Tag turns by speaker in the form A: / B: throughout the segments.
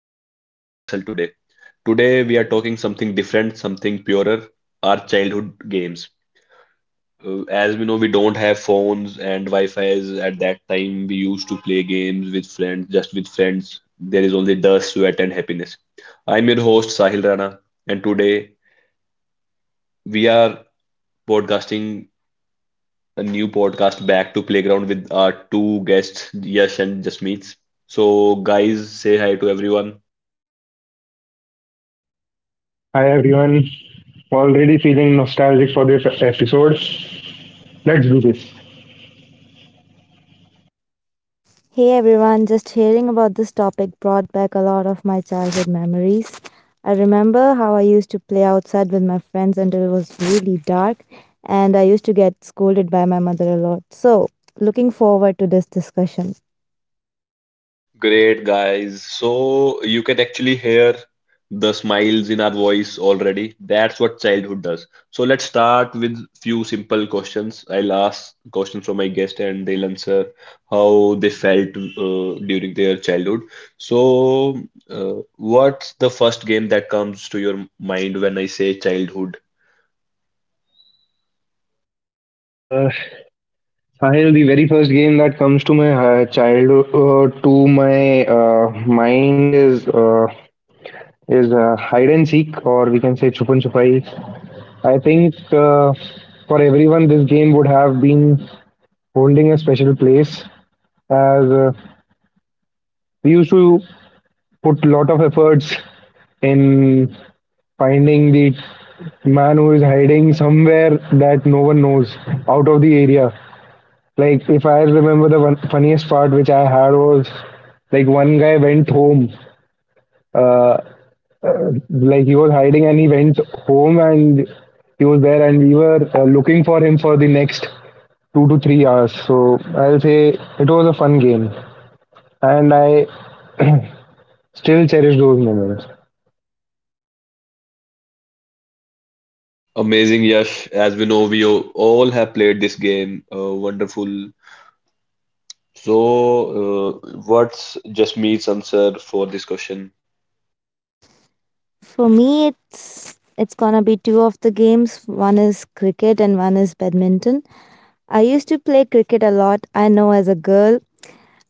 A: money, or hustle today. Today, we are talking something different, something purer our childhood games. As we know, we don't have phones and Wi-Fi's. At that time, we used to play games with friends, just with friends. There is only dust, sweat, and happiness. I'm your host, Sahil Rana, and today we are podcasting a new podcast back to Playground with our two guests, Yash and Jasmeet. So, guys, say hi to everyone.
B: Hi everyone, already feeling nostalgic for this episode. Let's do this.
C: Hey everyone, just hearing about this topic brought back a lot of my childhood memories. I remember how I used to play outside with my friends until it was really dark, and I used to get scolded by my mother a lot. So, looking forward to this discussion.
A: Great, guys. So you can actually hear the smiles in our voice already. That's what childhood does. So let's start with few simple questions. I'll ask questions from my guest and they'll answer how they felt during their childhood. So, what's the first game that comes to your mind when I say childhood?
B: Uh, Sahil, the very first game that comes to my childhood, to my mind is hide and seek, or we can say chupan chupai. I think for everyone, this game would have been holding a special place, as we used to put a lot of efforts in finding the man who is hiding somewhere that no one knows out of the area. Like if I remember, the one funniest part which I had was, like, one guy went home, uh, like he was hiding and he went home, and he was there, and we were looking for him for the next 2 to 3 hours. So I'll say it was a fun game and I still cherish those moments.
A: Amazing, Yash. As we know, all have played this game. Wonderful. So, what's Jasmeet's answer for this question?
C: For me, it's gonna be two of the games. One is cricket and one is badminton. I used to play cricket a lot. I know as a girl,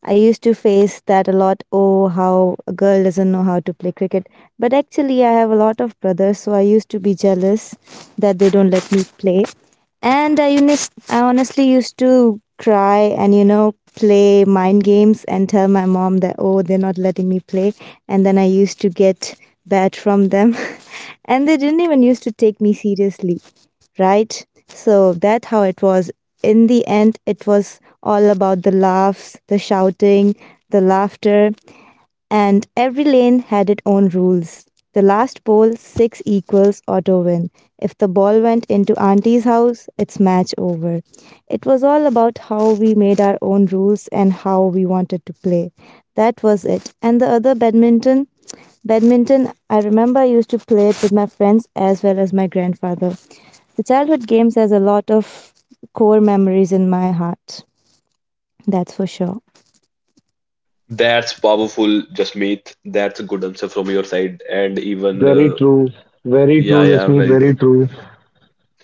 C: I used to face that a lot. Oh, how a girl doesn't know how to play cricket. But actually, I have a lot of brothers, so I used to be jealous that they don't let me play. And I honestly used to cry and play mind games and tell my mom that, oh, they're not letting me play. And then I used to get bad from them. And they didn't even used to take me seriously, right? So that's how it was. In the end, it was all about the laughs, the shouting, the laughter, and every lane had its own rules. The last ball, six equals auto win. If the ball went into auntie's house, it's match over. It was all about how we made our own rules and how we wanted to play. That was it. And the other badminton, I remember I used to play it with my friends as well as my grandfather. The childhood games has a lot of core memories in my heart. That's for sure.
A: That's powerful, Jasmeet. That's a good answer from your side, and even
B: Very true, very
A: yeah,
B: true,
A: yeah,
B: Jasmeet,
A: very
B: very
A: true.
B: true.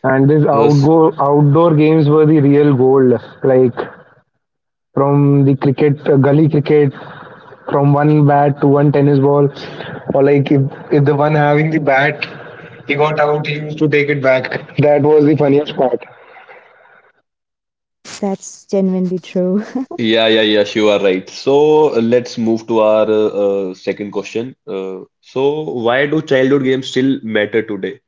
B: And these
A: Yes,
B: outdoor games were the real gold. Like from the cricket, gully cricket, from one bat to one tennis ball, or like, if the one having the bat, he got out, he used to take it back. That was the funniest part.
C: That's genuinely true.
A: yeah, yeah, yeah, you are right. So let's move to our second question. So why do childhood games still matter today?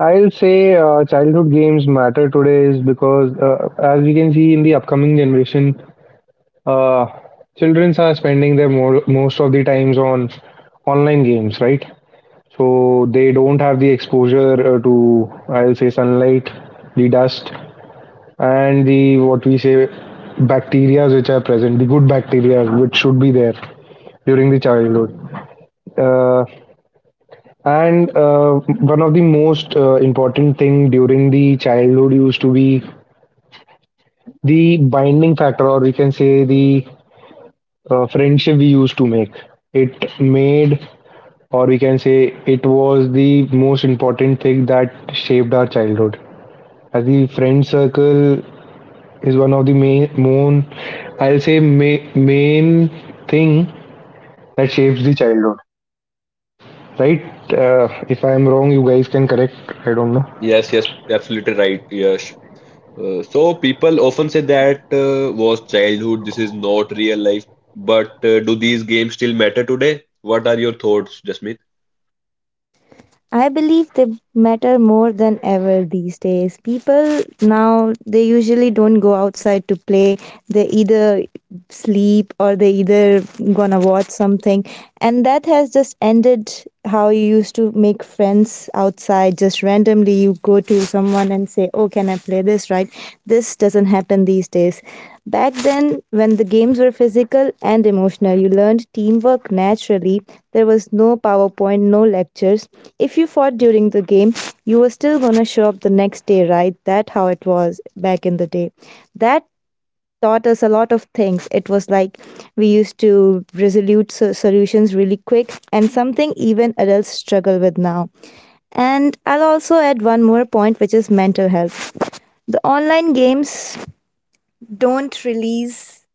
B: I'll say childhood games matter today, is because as we can see in the upcoming generation, uh, children are spending their most of the times on online games, right? So they don't have the exposure to, I'll say, sunlight, the dust, and the, what we say, bacteria which are present, the good bacteria which should be there during the childhood. Uh, and uh, one of the most important thing during the childhood used to be the binding factor, or we can say the friendship we used to make, it made, or we can say it was the most important thing that shaped our childhood. As the friend circle is one of the main, main I'll say ma- main thing that shapes the childhood, right? If I am wrong, you guys can correct. I don't know.
A: Yes, yes, absolutely right. Yes, so people often say that was childhood, this is not real life. But do these games still matter today? What are your thoughts, Jasmeet?
C: I believe they matter more than ever these days. People now, they usually don't go outside to play. They either sleep or they either gonna watch something, and that has just ended how you used to make friends outside. Just randomly you go to someone and say, oh, can I play this, right? This doesn't happen these days. Back then, when the games were physical and emotional, you learned teamwork naturally. There was no powerpoint, no lectures. If you fought during the game, you were still gonna show up the next day, right? That how it was back in the day. That taught us a lot of things. It was like we used to solutions really quick, and something even adults struggle with now. And I'll also add one more point, which is mental health. The online games don't release.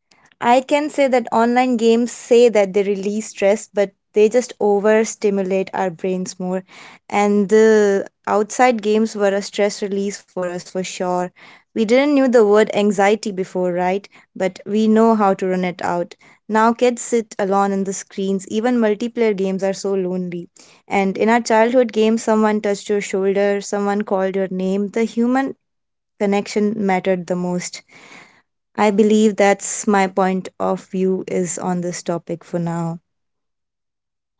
C: I can say that online games say that they release stress, but they just overstimulate our brains more. And the outside games were a stress release for us for sure. We didn't knew the word anxiety before, right? But we know how to run it out. Now kids sit alone in the screens. Even multiplayer games are so lonely. And in our childhood games, someone touched your shoulder, someone called your name. The human connection mattered the most. I believe that's my point of view is on this topic for now.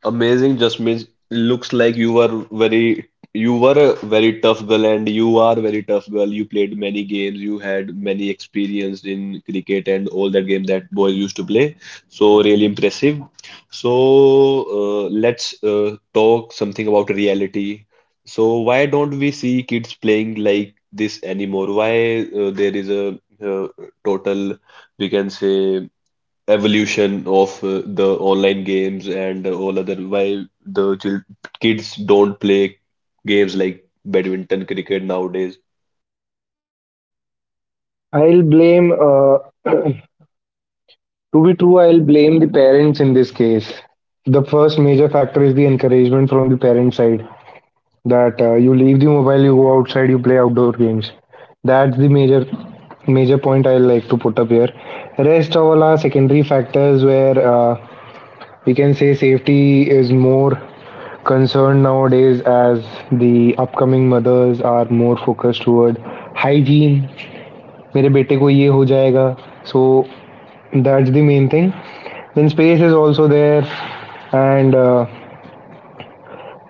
A: Amazing, just means. Looks like you were very you were a very tough girl and you are very tough girl. You played many games, you had many experience in cricket and all that game that boys used to play. So really impressive. So let's talk something about reality. So why don't we see kids playing like this anymore? Why there is a total, we can say evolution of the online games and all other why the chil kids don't play games like badminton, cricket nowadays.
B: I'll blame. To be true, I'll blame the parents in this case. The first major factor is the encouragement from the parent side, that you leave the mobile, you go outside, you play outdoor games. That's the major point I like to put up here. Rest all are secondary factors, where we can say safety is more concerned nowadays, as the upcoming mothers are more focused toward hygiene. मेरे बेटे को ये हो जाएगा. So that's the main thing. Then space is also there, and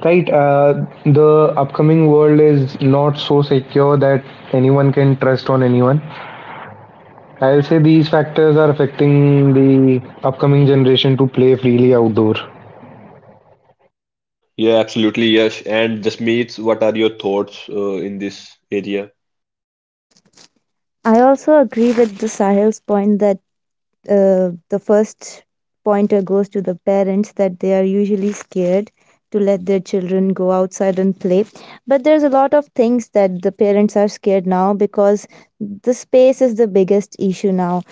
B: right, the upcoming world is not so secure that anyone can trust on anyone. I'll say these factors are affecting the upcoming generation to play freely outdoor.
A: Yeah, absolutely, yes. And Jasmeet, what are your thoughts in this area?
C: I also agree with the Sahil's point that the first pointer goes to the parents, that they are usually scared to let their children go outside and play. But there's a lot of things that the parents are scared now, because the space is the biggest issue now.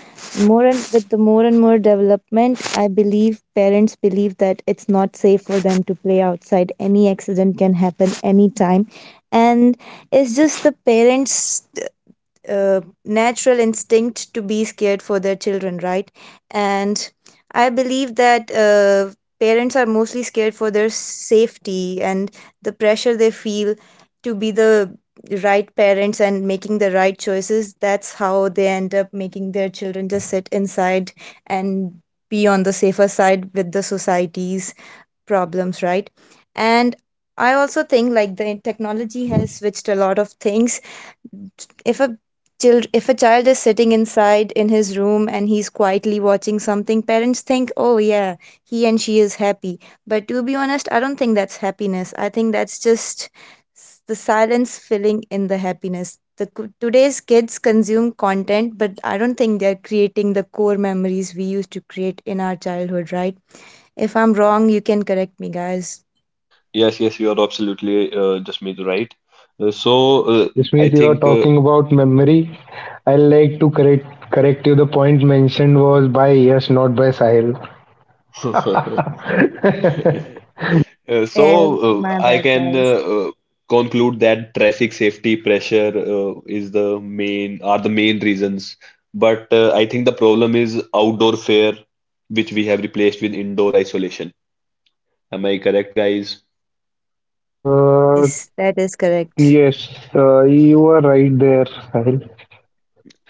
C: More and with the more and more development, I believe parents believe that it's not safe for them to play outside. Any accident can happen anytime. And it's just the parents' natural instinct to be scared for their children, right? And I believe that parents are mostly scared for their safety and the pressure they feel to be the right parents and making the right choices. That's how they end up making their children just sit inside and be on the safer side with the society's problems, right? And I also think like the technology has switched a lot of things. If a child if a child is sitting inside in his room, and he's quietly watching something, parents think, oh yeah, he and she is happy. But to be honest, I don't think that's happiness. I think that's just the silence filling in the happiness. Today's kids consume content, but I don't think they're creating the core memories we used to create in our childhood, right? If I'm wrong, you can correct me, guys.
A: Yes, yes, you are absolutely Jasmeet right. Uh, so uh,
B: This
A: I
B: means you are
A: think
B: talking about memory. I like to correct you. The point mentioned was by yes, not by Sahil.
A: uh, Uh, so
C: Yeah, my
A: I
C: bad,
A: can
C: guys.
A: conclude that traffic safety pressure is the main are the main reasons. But I think the problem is outdoor fare, which we have replaced with indoor isolation. Am I correct, guys?
B: Uh,
C: Yes, that is correct.
B: yes, you are right there, Sahil.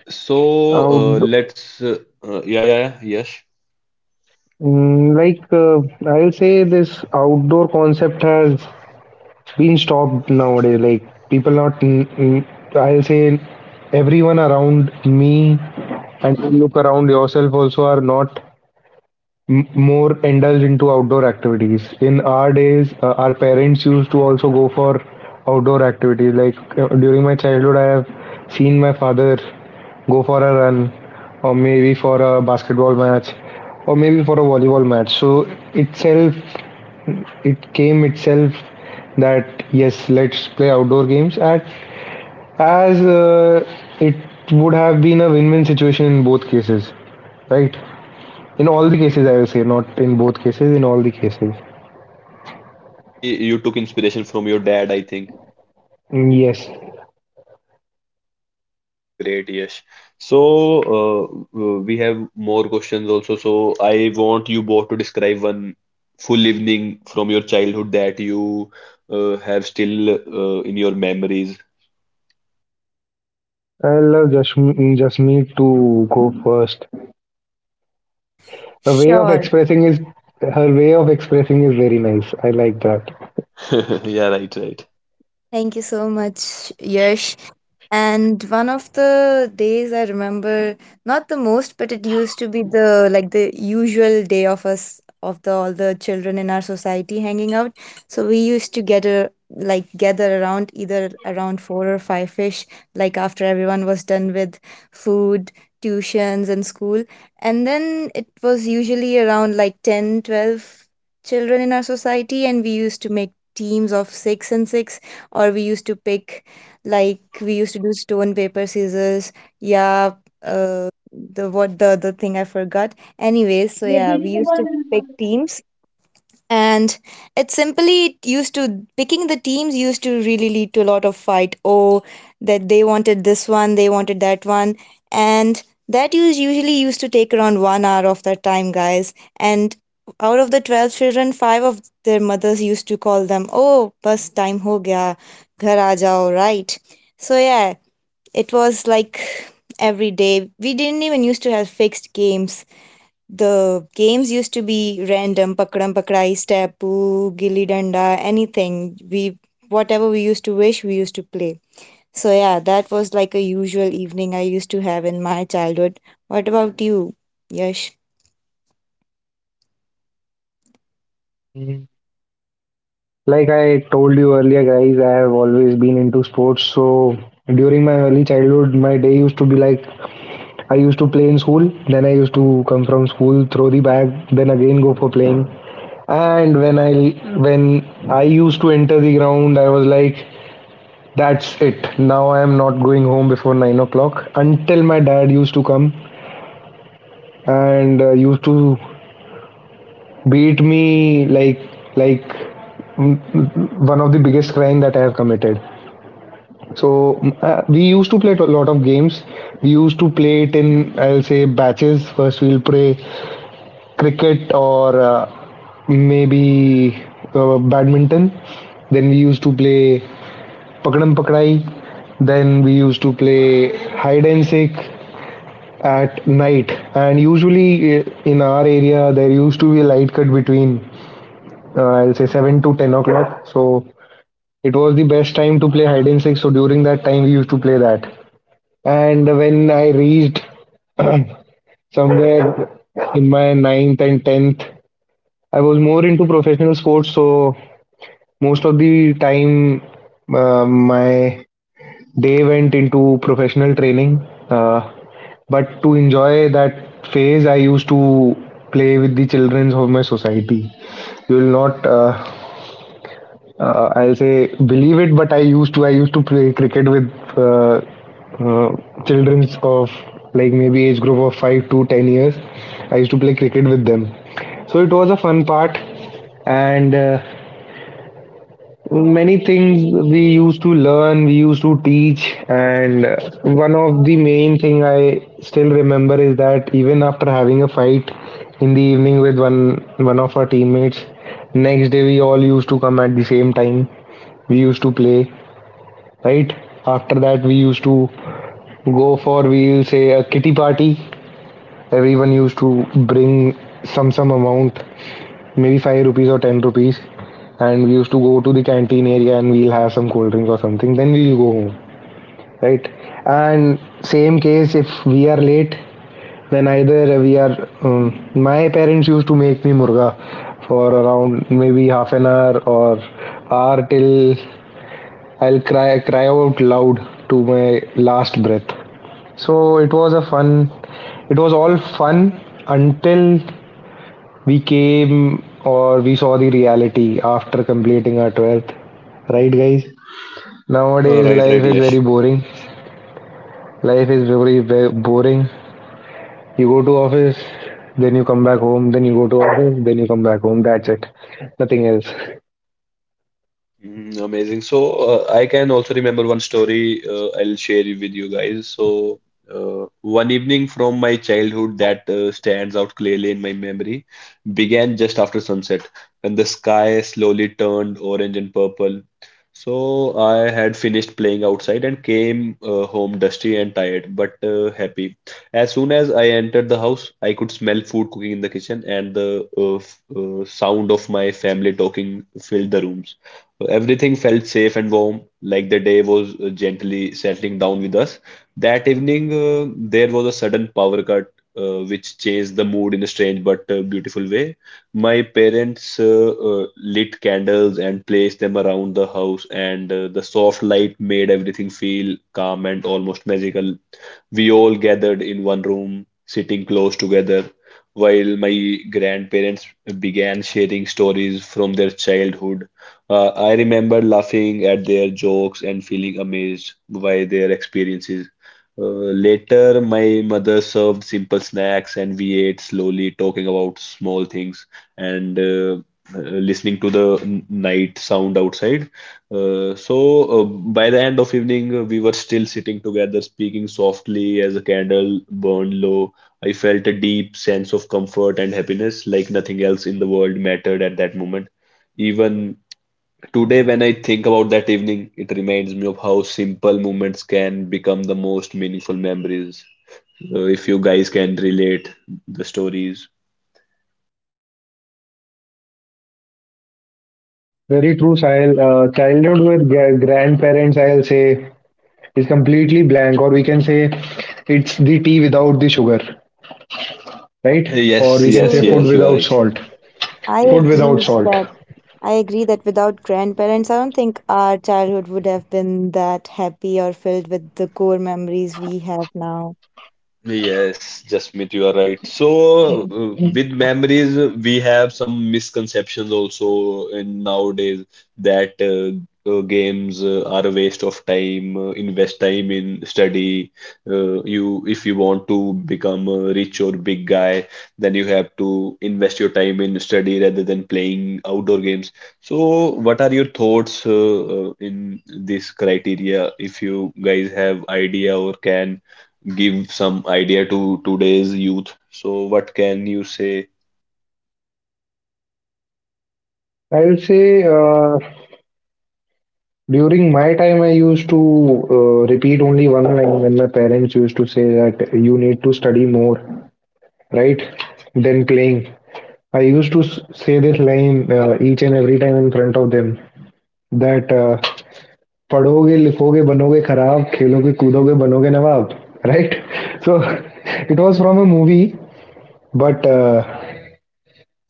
A: So
B: Out,
A: let's yeah, yeah, yeah, yes.
B: like, I'll say, this outdoor concept has been stopped nowadays. Like people not, mm, mm, I'll say, everyone around me, and you look around yourself also, are not more indulge into outdoor activities. In our days, our parents used to also go for outdoor activities. Like, during my childhood, I have seen my father go for a run, or maybe for a basketball match, or maybe for a volleyball match. So, itself, it came itself that, yes, let's play outdoor games. At as It would have been a win-win situation in both cases, right? In all the cases, I will say, not in both cases, in all the cases.
A: So maybe you took inspiration from your dad, I think.
B: Mm, yes.
A: Great, Yash. So, we have more questions also. So, I want you both to describe one full evening from your childhood that you have still in your memories.
B: I'll, just Jasmeet to go first. Her way of
C: Sure.
B: expressing is her way of expressing is very nice. I like that.
A: Yeah, right, right.
C: Thank you so much, Yash. And one of the days I remember, not the most, but it used to be the usual day of us, of the all the children in our society hanging out. So we used to get a like gather around, either around four or five fish, like after everyone was done with food, tuitions and school. And then it was usually around like 10, 12 children in our society, and we used to make teams of six and six, or we used to pick. Like, we used to do stone paper scissors. Yeah. The, what, the other thing I forgot, anyways. So yeah, we used to pick teams, and it simply used to, picking the teams used to really lead to a lot of fight. Oh, that they wanted this one, they wanted that one. And that usually used to take around 1 hour of their time, guys. And out of the 12 children, five of their mothers used to call them, oh, bus time ho gaya, ghar aa jao, right? So yeah, it was like every day we didn't even used to have fixed games. The games used to be random. Pakadam pakdai, steppu, gilli danda, anything. We, whatever we used to wish, we used to play. So yeah, that was like a usual evening I used to have in my childhood. What about you, Yash?
B: Mm, like I told you earlier, guys, I have always been into sports. So during my early childhood, my day used to be like, I used to play in school, then I used to come from school, throw the bag, then again go for playing. And when I used to enter the ground, I was like, that's it. Now I am not going home before 9 o'clock. Until my dad used to come and used to beat me, like one of the biggest crime that I have committed. So, we used to play a lot of games. We used to play it in, I'll say, batches. First we'll play cricket, or maybe, badminton. Then we used to play pakadam pakdai. Then we used to play hide and seek at night, and usually in our area, there used to be a light cut between, I'll say, 7 to 10 o'clock, so it was the best time to play hide and seek. So during that time we used to play that. And when I reached somewhere in my ninth and 10th, I was more into professional sports, so most of the time my day went into professional training. uh, But to enjoy that phase, I used to play with the children of my society. You will not, I'll say, believe it, but I used to play cricket with, uh, uh, children of, like, maybe age group of 5 to 10 years. I used to play cricket with them, so it was a fun part. And. Many things we used to learn, we used to teach, and one of the main thing I still remember is that, even after having a fight in the evening with one of our teammates, next day we all used to come at the same time. We used to play, right? After that, we used to go for, we'll say, a kitty party. Everyone used to bring some amount, maybe 5 rupees or 10 rupees, and we used to go to the canteen area and we'll have some cold drink or something, then we'll go home, right. And same case, if we are late, then either we are my parents used to make me murga for around, maybe, half an hour or hour, till I'll cry out loud to my last breath. so it was a fun it was all fun, until we came, or we saw the reality after completing our 12th, right, guys. Nowadays
A: Right,
B: life
A: right,
B: is very
A: Yash.
B: boring. Life is very, very boring. You go to office, then you come back home, then you go to office, then you come back home. That's it. Nothing else.
A: Mm, amazing. So, I can also remember one story I'll share with you guys. So, one evening from my childhood that stands out clearly in my memory began just after sunset when the sky slowly turned orange and purple. So, I had finished playing outside and came home dusty and tired, but happy. As soon as I entered the house, I could smell food cooking in the kitchen, and the sound of my family talking filled the rooms. So everything felt safe and warm, like the day was gently settling down with us. That evening, there was a sudden power cut, which changed the mood in a strange but beautiful way. My parents lit candles and placed them around the house, and the soft light made everything feel calm and almost magical. We all gathered in one room, sitting close together, while my grandparents began sharing stories from their childhood. I remember laughing at their jokes and feeling amazed by their experiences. Later, my mother served simple snacks and we ate slowly, talking about small things and listening to the night sound outside. By the end of evening, we were still sitting together, speaking softly as a candle burned low. I felt a deep sense of comfort and happiness, like nothing else in the world mattered at that moment. Even today, when I think about that evening, it reminds me of how simple moments can become the most meaningful memories. If you guys can relate the stories.
B: Very true, Sahil. Childhood with grandparents, I'll say, is completely blank, or we can say it's the tea without the sugar, right, or
A: Yes,
B: we can
A: yes,
B: say food
C: Truly,
A: yes, you are
B: without
A: right.
B: salt.
C: I
B: Food
A: Yes,
C: agree
B: without
A: yes.
B: salt.
C: that that without grandparents, I don't think our childhood would have been that happy or filled with the core memories we have now.
A: Yes, Jasmeet, you are right. So, with memories, we have some misconceptions also in nowadays that games are a waste of time. Invest time in study. If you want to become a rich or big guy, then you have to invest your time in study rather than playing outdoor games. So, what are your thoughts in this criteria? If you guys have idea or can give some idea to today's youth. So, what can you say?
B: I'll say, during my time, I used to repeat only one line when my parents used to say that you need to study more, right? Than playing. I used to say this line each and every time in front of them, that पढ़ोगे लिखोगे बनोगे खराब खेलोगे कूदोगे बनोगे नवाब, right. So it was from a movie, but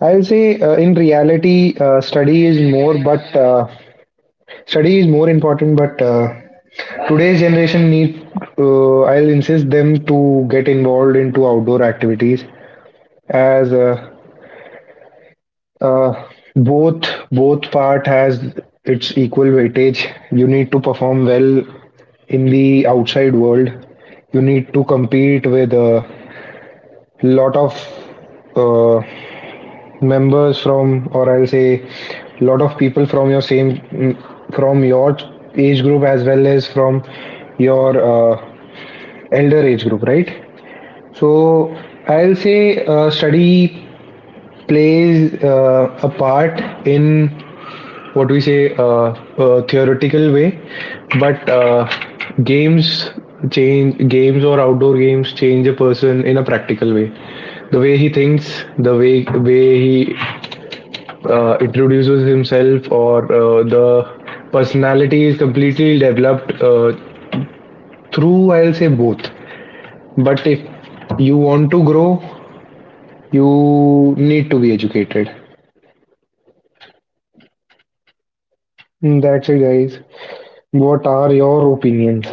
B: I'll say, in reality, study is more important, but today's generation need, I'll insist them to get involved into outdoor activities, as uh, both both part has its equal weightage. You need to perform well in the outside world. You need to compete with a lot of, uh, members from, or I'll say, lot of people from from your age group, as well as from your uh, elder age group, right? So, I'll say, study plays a part in, what we say, a theoretical way, but games games or outdoor games change a person in a practical way. The way he thinks, the way he introduces himself, or the personality is completely developed through, I'll say, both. But if you want to grow, you need to be educated. That's it, guys. What are your opinions?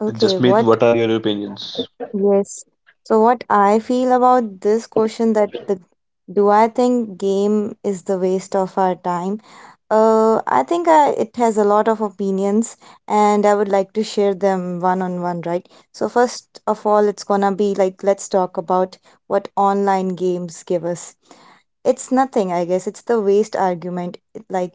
C: Okay,
A: Jasmeet,
C: what
A: what are your opinions?
C: Yes. So what I feel about this question, that the, do I think game is the waste of our time? I think it has a lot of opinions, and I would like to share them one on one, right? So first of all, it's gonna be like, let's talk about what online games give us. It's nothing, I guess. It's the waste argument. Like,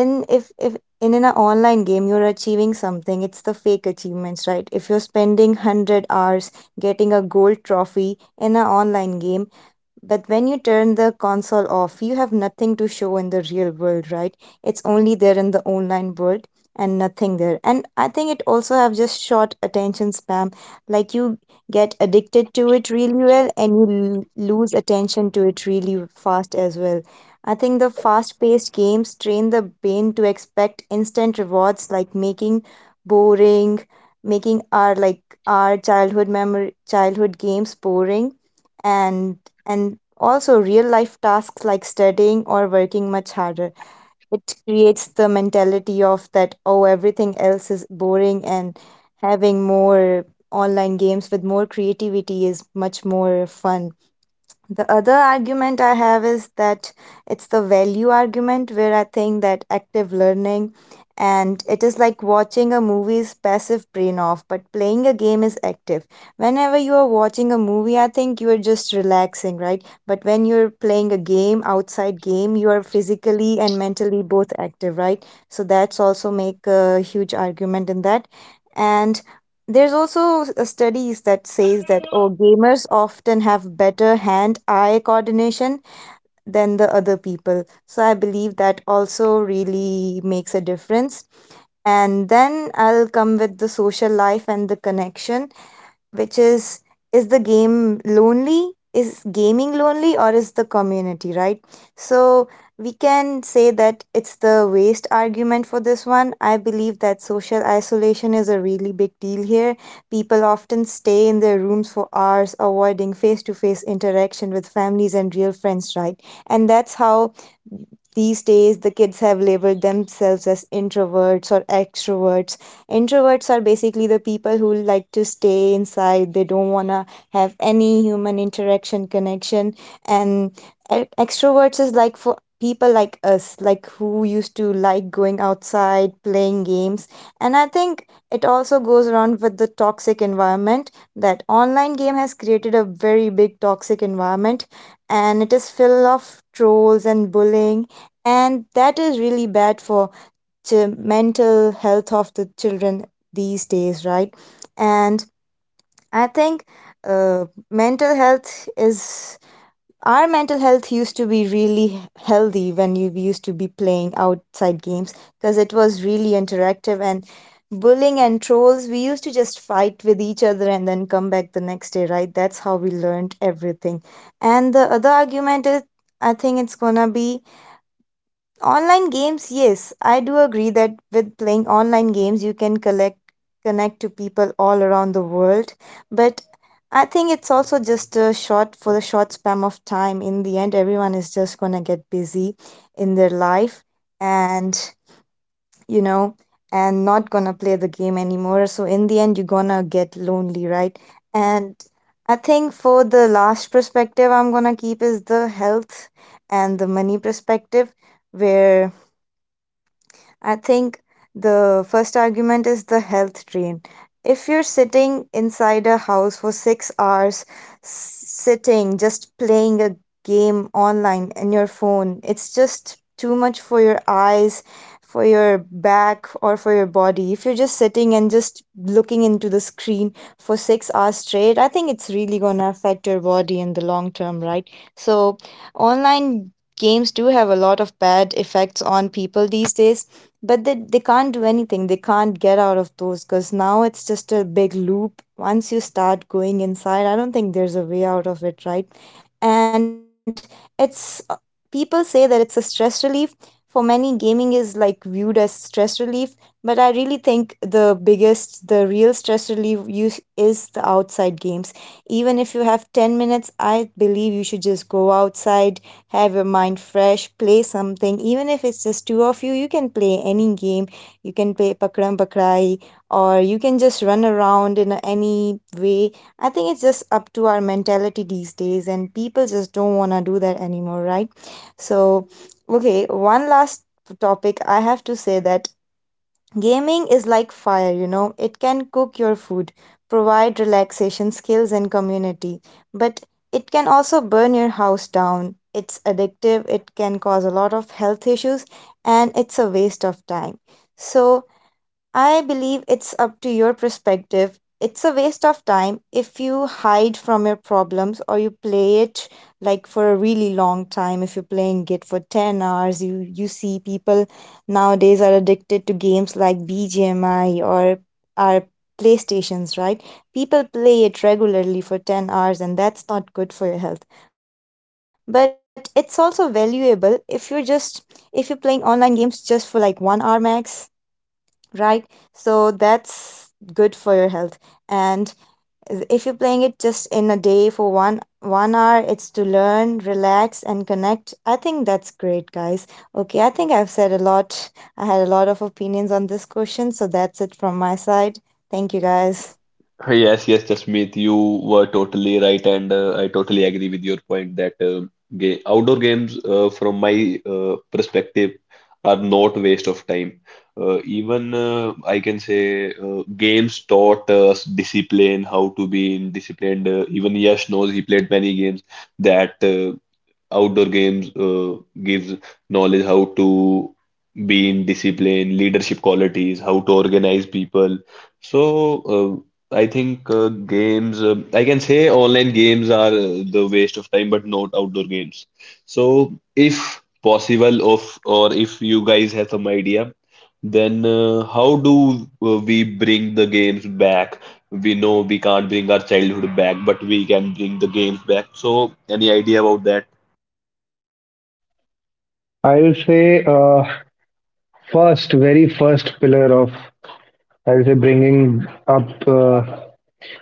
C: in if in an online game you're achieving something, it's the fake achievements, right? If you're spending 100 hours getting a gold trophy in an online game, but when you turn the console off, you have nothing to show in the real world, right? It's only there in the online world and nothing there. And I think it also have just short attention spam. Like, you get addicted to it really well, and you lose attention to it really fast as well. I think the fast-paced games train the brain to expect instant rewards, like making boring, making our like our childhood memory childhood games boring, and also real life tasks like studying or working much harder. It creates the mentality of that, oh, everything else is boring, and having more online games with more creativity is much more fun. The other argument I have is that it's the value argument, where I think that active learning, and it is like watching a movie is passive brain off, but playing a game is active. Whenever you are watching a movie, I think you are just relaxing, right? But when you're playing a game, outside game, you are physically and mentally both active, right? So that's also make a huge argument in that. And there's also studies that says that, oh, gamers often have better hand-eye coordination than the other people. So I believe that also really makes a difference. And then I'll come with the social life and the connection, which is the game lonely? Is gaming lonely, or is the community, right? So we can say that it's the waste argument for this one. I believe that social isolation is a really big deal here. People often stay in their rooms for hours, avoiding face to face interaction with families and real friends, right? And that's how these days the kids have labeled themselves as introverts or extroverts. Introverts are basically the people who like to stay inside. They don't want to have any human interaction, connection. And extroverts is like for people like us, like who used to like going outside, playing games. And I think it also goes around with the toxic environment that online game has created a very big toxic environment, and it is full of trolls and bullying, and that is really bad for to mental health of the children these days, right? And I think mental health is our mental health used to be really healthy when you used to be playing outside games, because it was really interactive. And bullying and trolls, we used to just fight with each other and then come back the next day, right? That's how we learned everything. And the other argument is, I think it's gonna be online games, yes, I do agree that with playing online games, you can collect connect to people all around the world. But I think it's also just a short for the short span of time. In the end, everyone is just gonna get busy in their life, and you know, and not gonna play the game anymore. So in the end, you're gonna get lonely, right? And I think for the last perspective, I'm gonna keep is the health and the money perspective, where I think the first argument is the health drain. If you're sitting inside a house for 6 hours, sitting, just playing a game online in your phone, it's just too much for your eyes, for your back, or for your body. If you're just sitting and just looking into the screen for 6 hours straight, I think it's really going to affect your body in the long term, right? So, online games do have a lot of bad effects on people these days, but they can't do anything. They can't get out of those, because now it's just a big loop. Once you start going inside, I don't think there's a way out of it, right? And it's people say that it's a stress relief. For many, gaming is like viewed as stress relief. But I really think the real stress relief use is the outside games. Even if you have 10 minutes, I believe you should just go outside, have your mind fresh, play something. Even if it's just two of you, you can play any game. You can play Pakram Pakrai, or you can just run around in any way. I think it's just up to our mentality these days, and people just don't want to do that anymore, right? So, okay, one last topic I have to say that gaming is like fire, it can cook your food, provide relaxation skills and community, but it can also burn your house down. It's addictive, it can cause a lot of health issues, and it's a waste of time. So, I believe it's up to your perspective. It's a waste of time if you hide from your problems or you play it like for a really long time. If you're playing it for 10 hours, you see people nowadays are addicted to games like BGMI or our PlayStations, right? People play it regularly for 10 hours, and that's not good for your health. But it's also valuable if you're playing online games just for like 1 hour max, right? So that's good for your health. And if you're playing it just in a day for one hour, it's to learn, relax, and connect. I think that's great, guys. Okay, I think I've said a lot. I had a lot of opinions on this question, so that's it from my side. Thank you, guys.
A: Yes, yes, Jasmeet, you were totally right, and I totally agree with your point that ga outdoor games, from my perspective, are not waste of time. Even I can say games taught us discipline, how to be in disciplined. Even Yash knows he played many games that outdoor games gives knowledge how to be in discipline, leadership qualities, how to organize people. So I think games, I can say online games are the waste of time, but not outdoor games. So if possible, of or if you guys have some idea, then how do we bring the games back? We know we can't bring our childhood back, but we can bring the games back. So any idea about that?
B: I'll say, first, very first pillar of, I'll say, bringing up,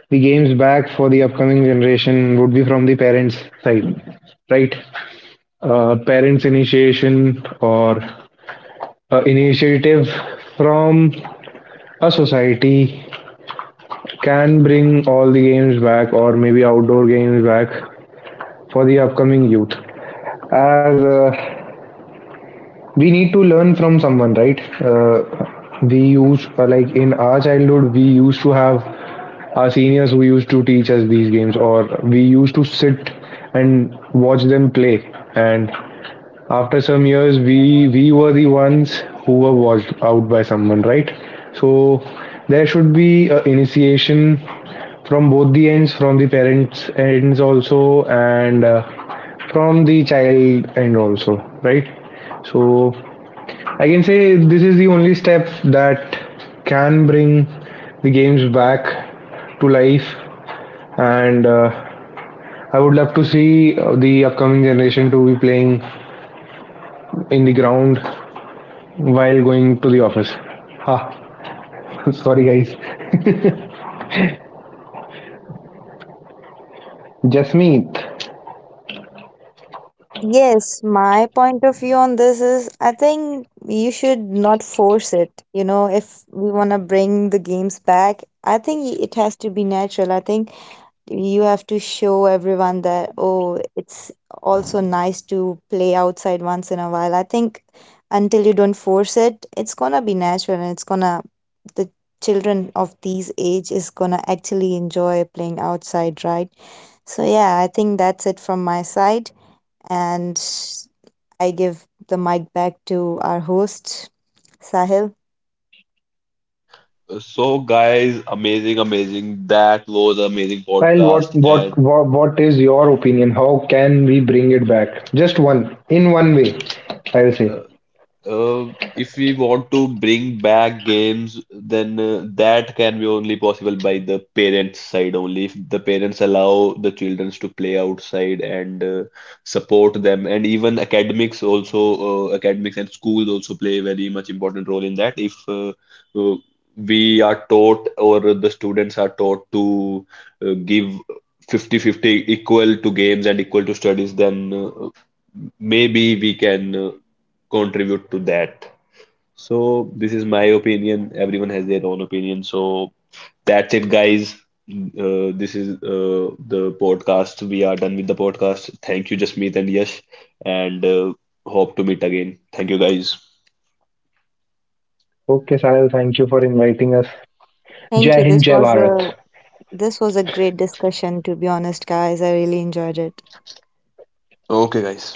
B: the games back for the upcoming generation, would be from the parents' side, right? Parents' initiation, or, initiative from a society, can bring all the games back, or maybe outdoor games back for the upcoming youth. As, we need to learn from someone, right. We used Like in our childhood, we used to have our seniors who used to teach us these games, or we used to sit and watch them play. And after some years, we were the ones who were watched out by someone, right. So there should be an initiation from both the ends, from the parents' ends also, and from the child end also, right. So I can say this is the only step that can bring the games back to life. And I would love to see, the upcoming generation to be playing in the ground while going to the office. Ha. Sorry, guys. Jasmeet.
C: Yes, my point of view on this is I think you should not force it. You know, if we want to bring the games back, I think it has to be natural. I think you have to show everyone that oh it's also nice to play outside once in a while. I think until you don't force it, it's gonna be natural, and it's gonna the children of these age is gonna actually enjoy playing outside, right? So yeah, I think that's it from my side. And I give the mic back to our host, Sahil.
A: So, guys, amazing, amazing. That was an amazing
B: Kyle, what,
A: podcast. And
B: what, what, what is your opinion? How can we bring it back? Just one, in one way, I'll say.
A: uh, if we want to bring back games, then that can be only possible by the parents' side only. If the parents allow the children to play outside and support them, and even academics also, academics and schools also play a very much important role in that. If uh, we are taught or the students are taught to give 50-50 equal to games and equal to studies, then maybe we can contribute to that. So this is my opinion. Everyone has their own opinion. So that's it, guys. This is the podcast. We are done with the podcast. Thank you, Jasmeet and Yash, and hope to meet again. Thank you, guys.
B: Okay, Sahil, thank you for inviting us.
C: Thank
B: Jai
C: you.
B: Hind,
C: this
B: Jai
C: was
B: Bharat.
C: a this was a great discussion, to be honest, guys. I really enjoyed it.
A: Okay, guys.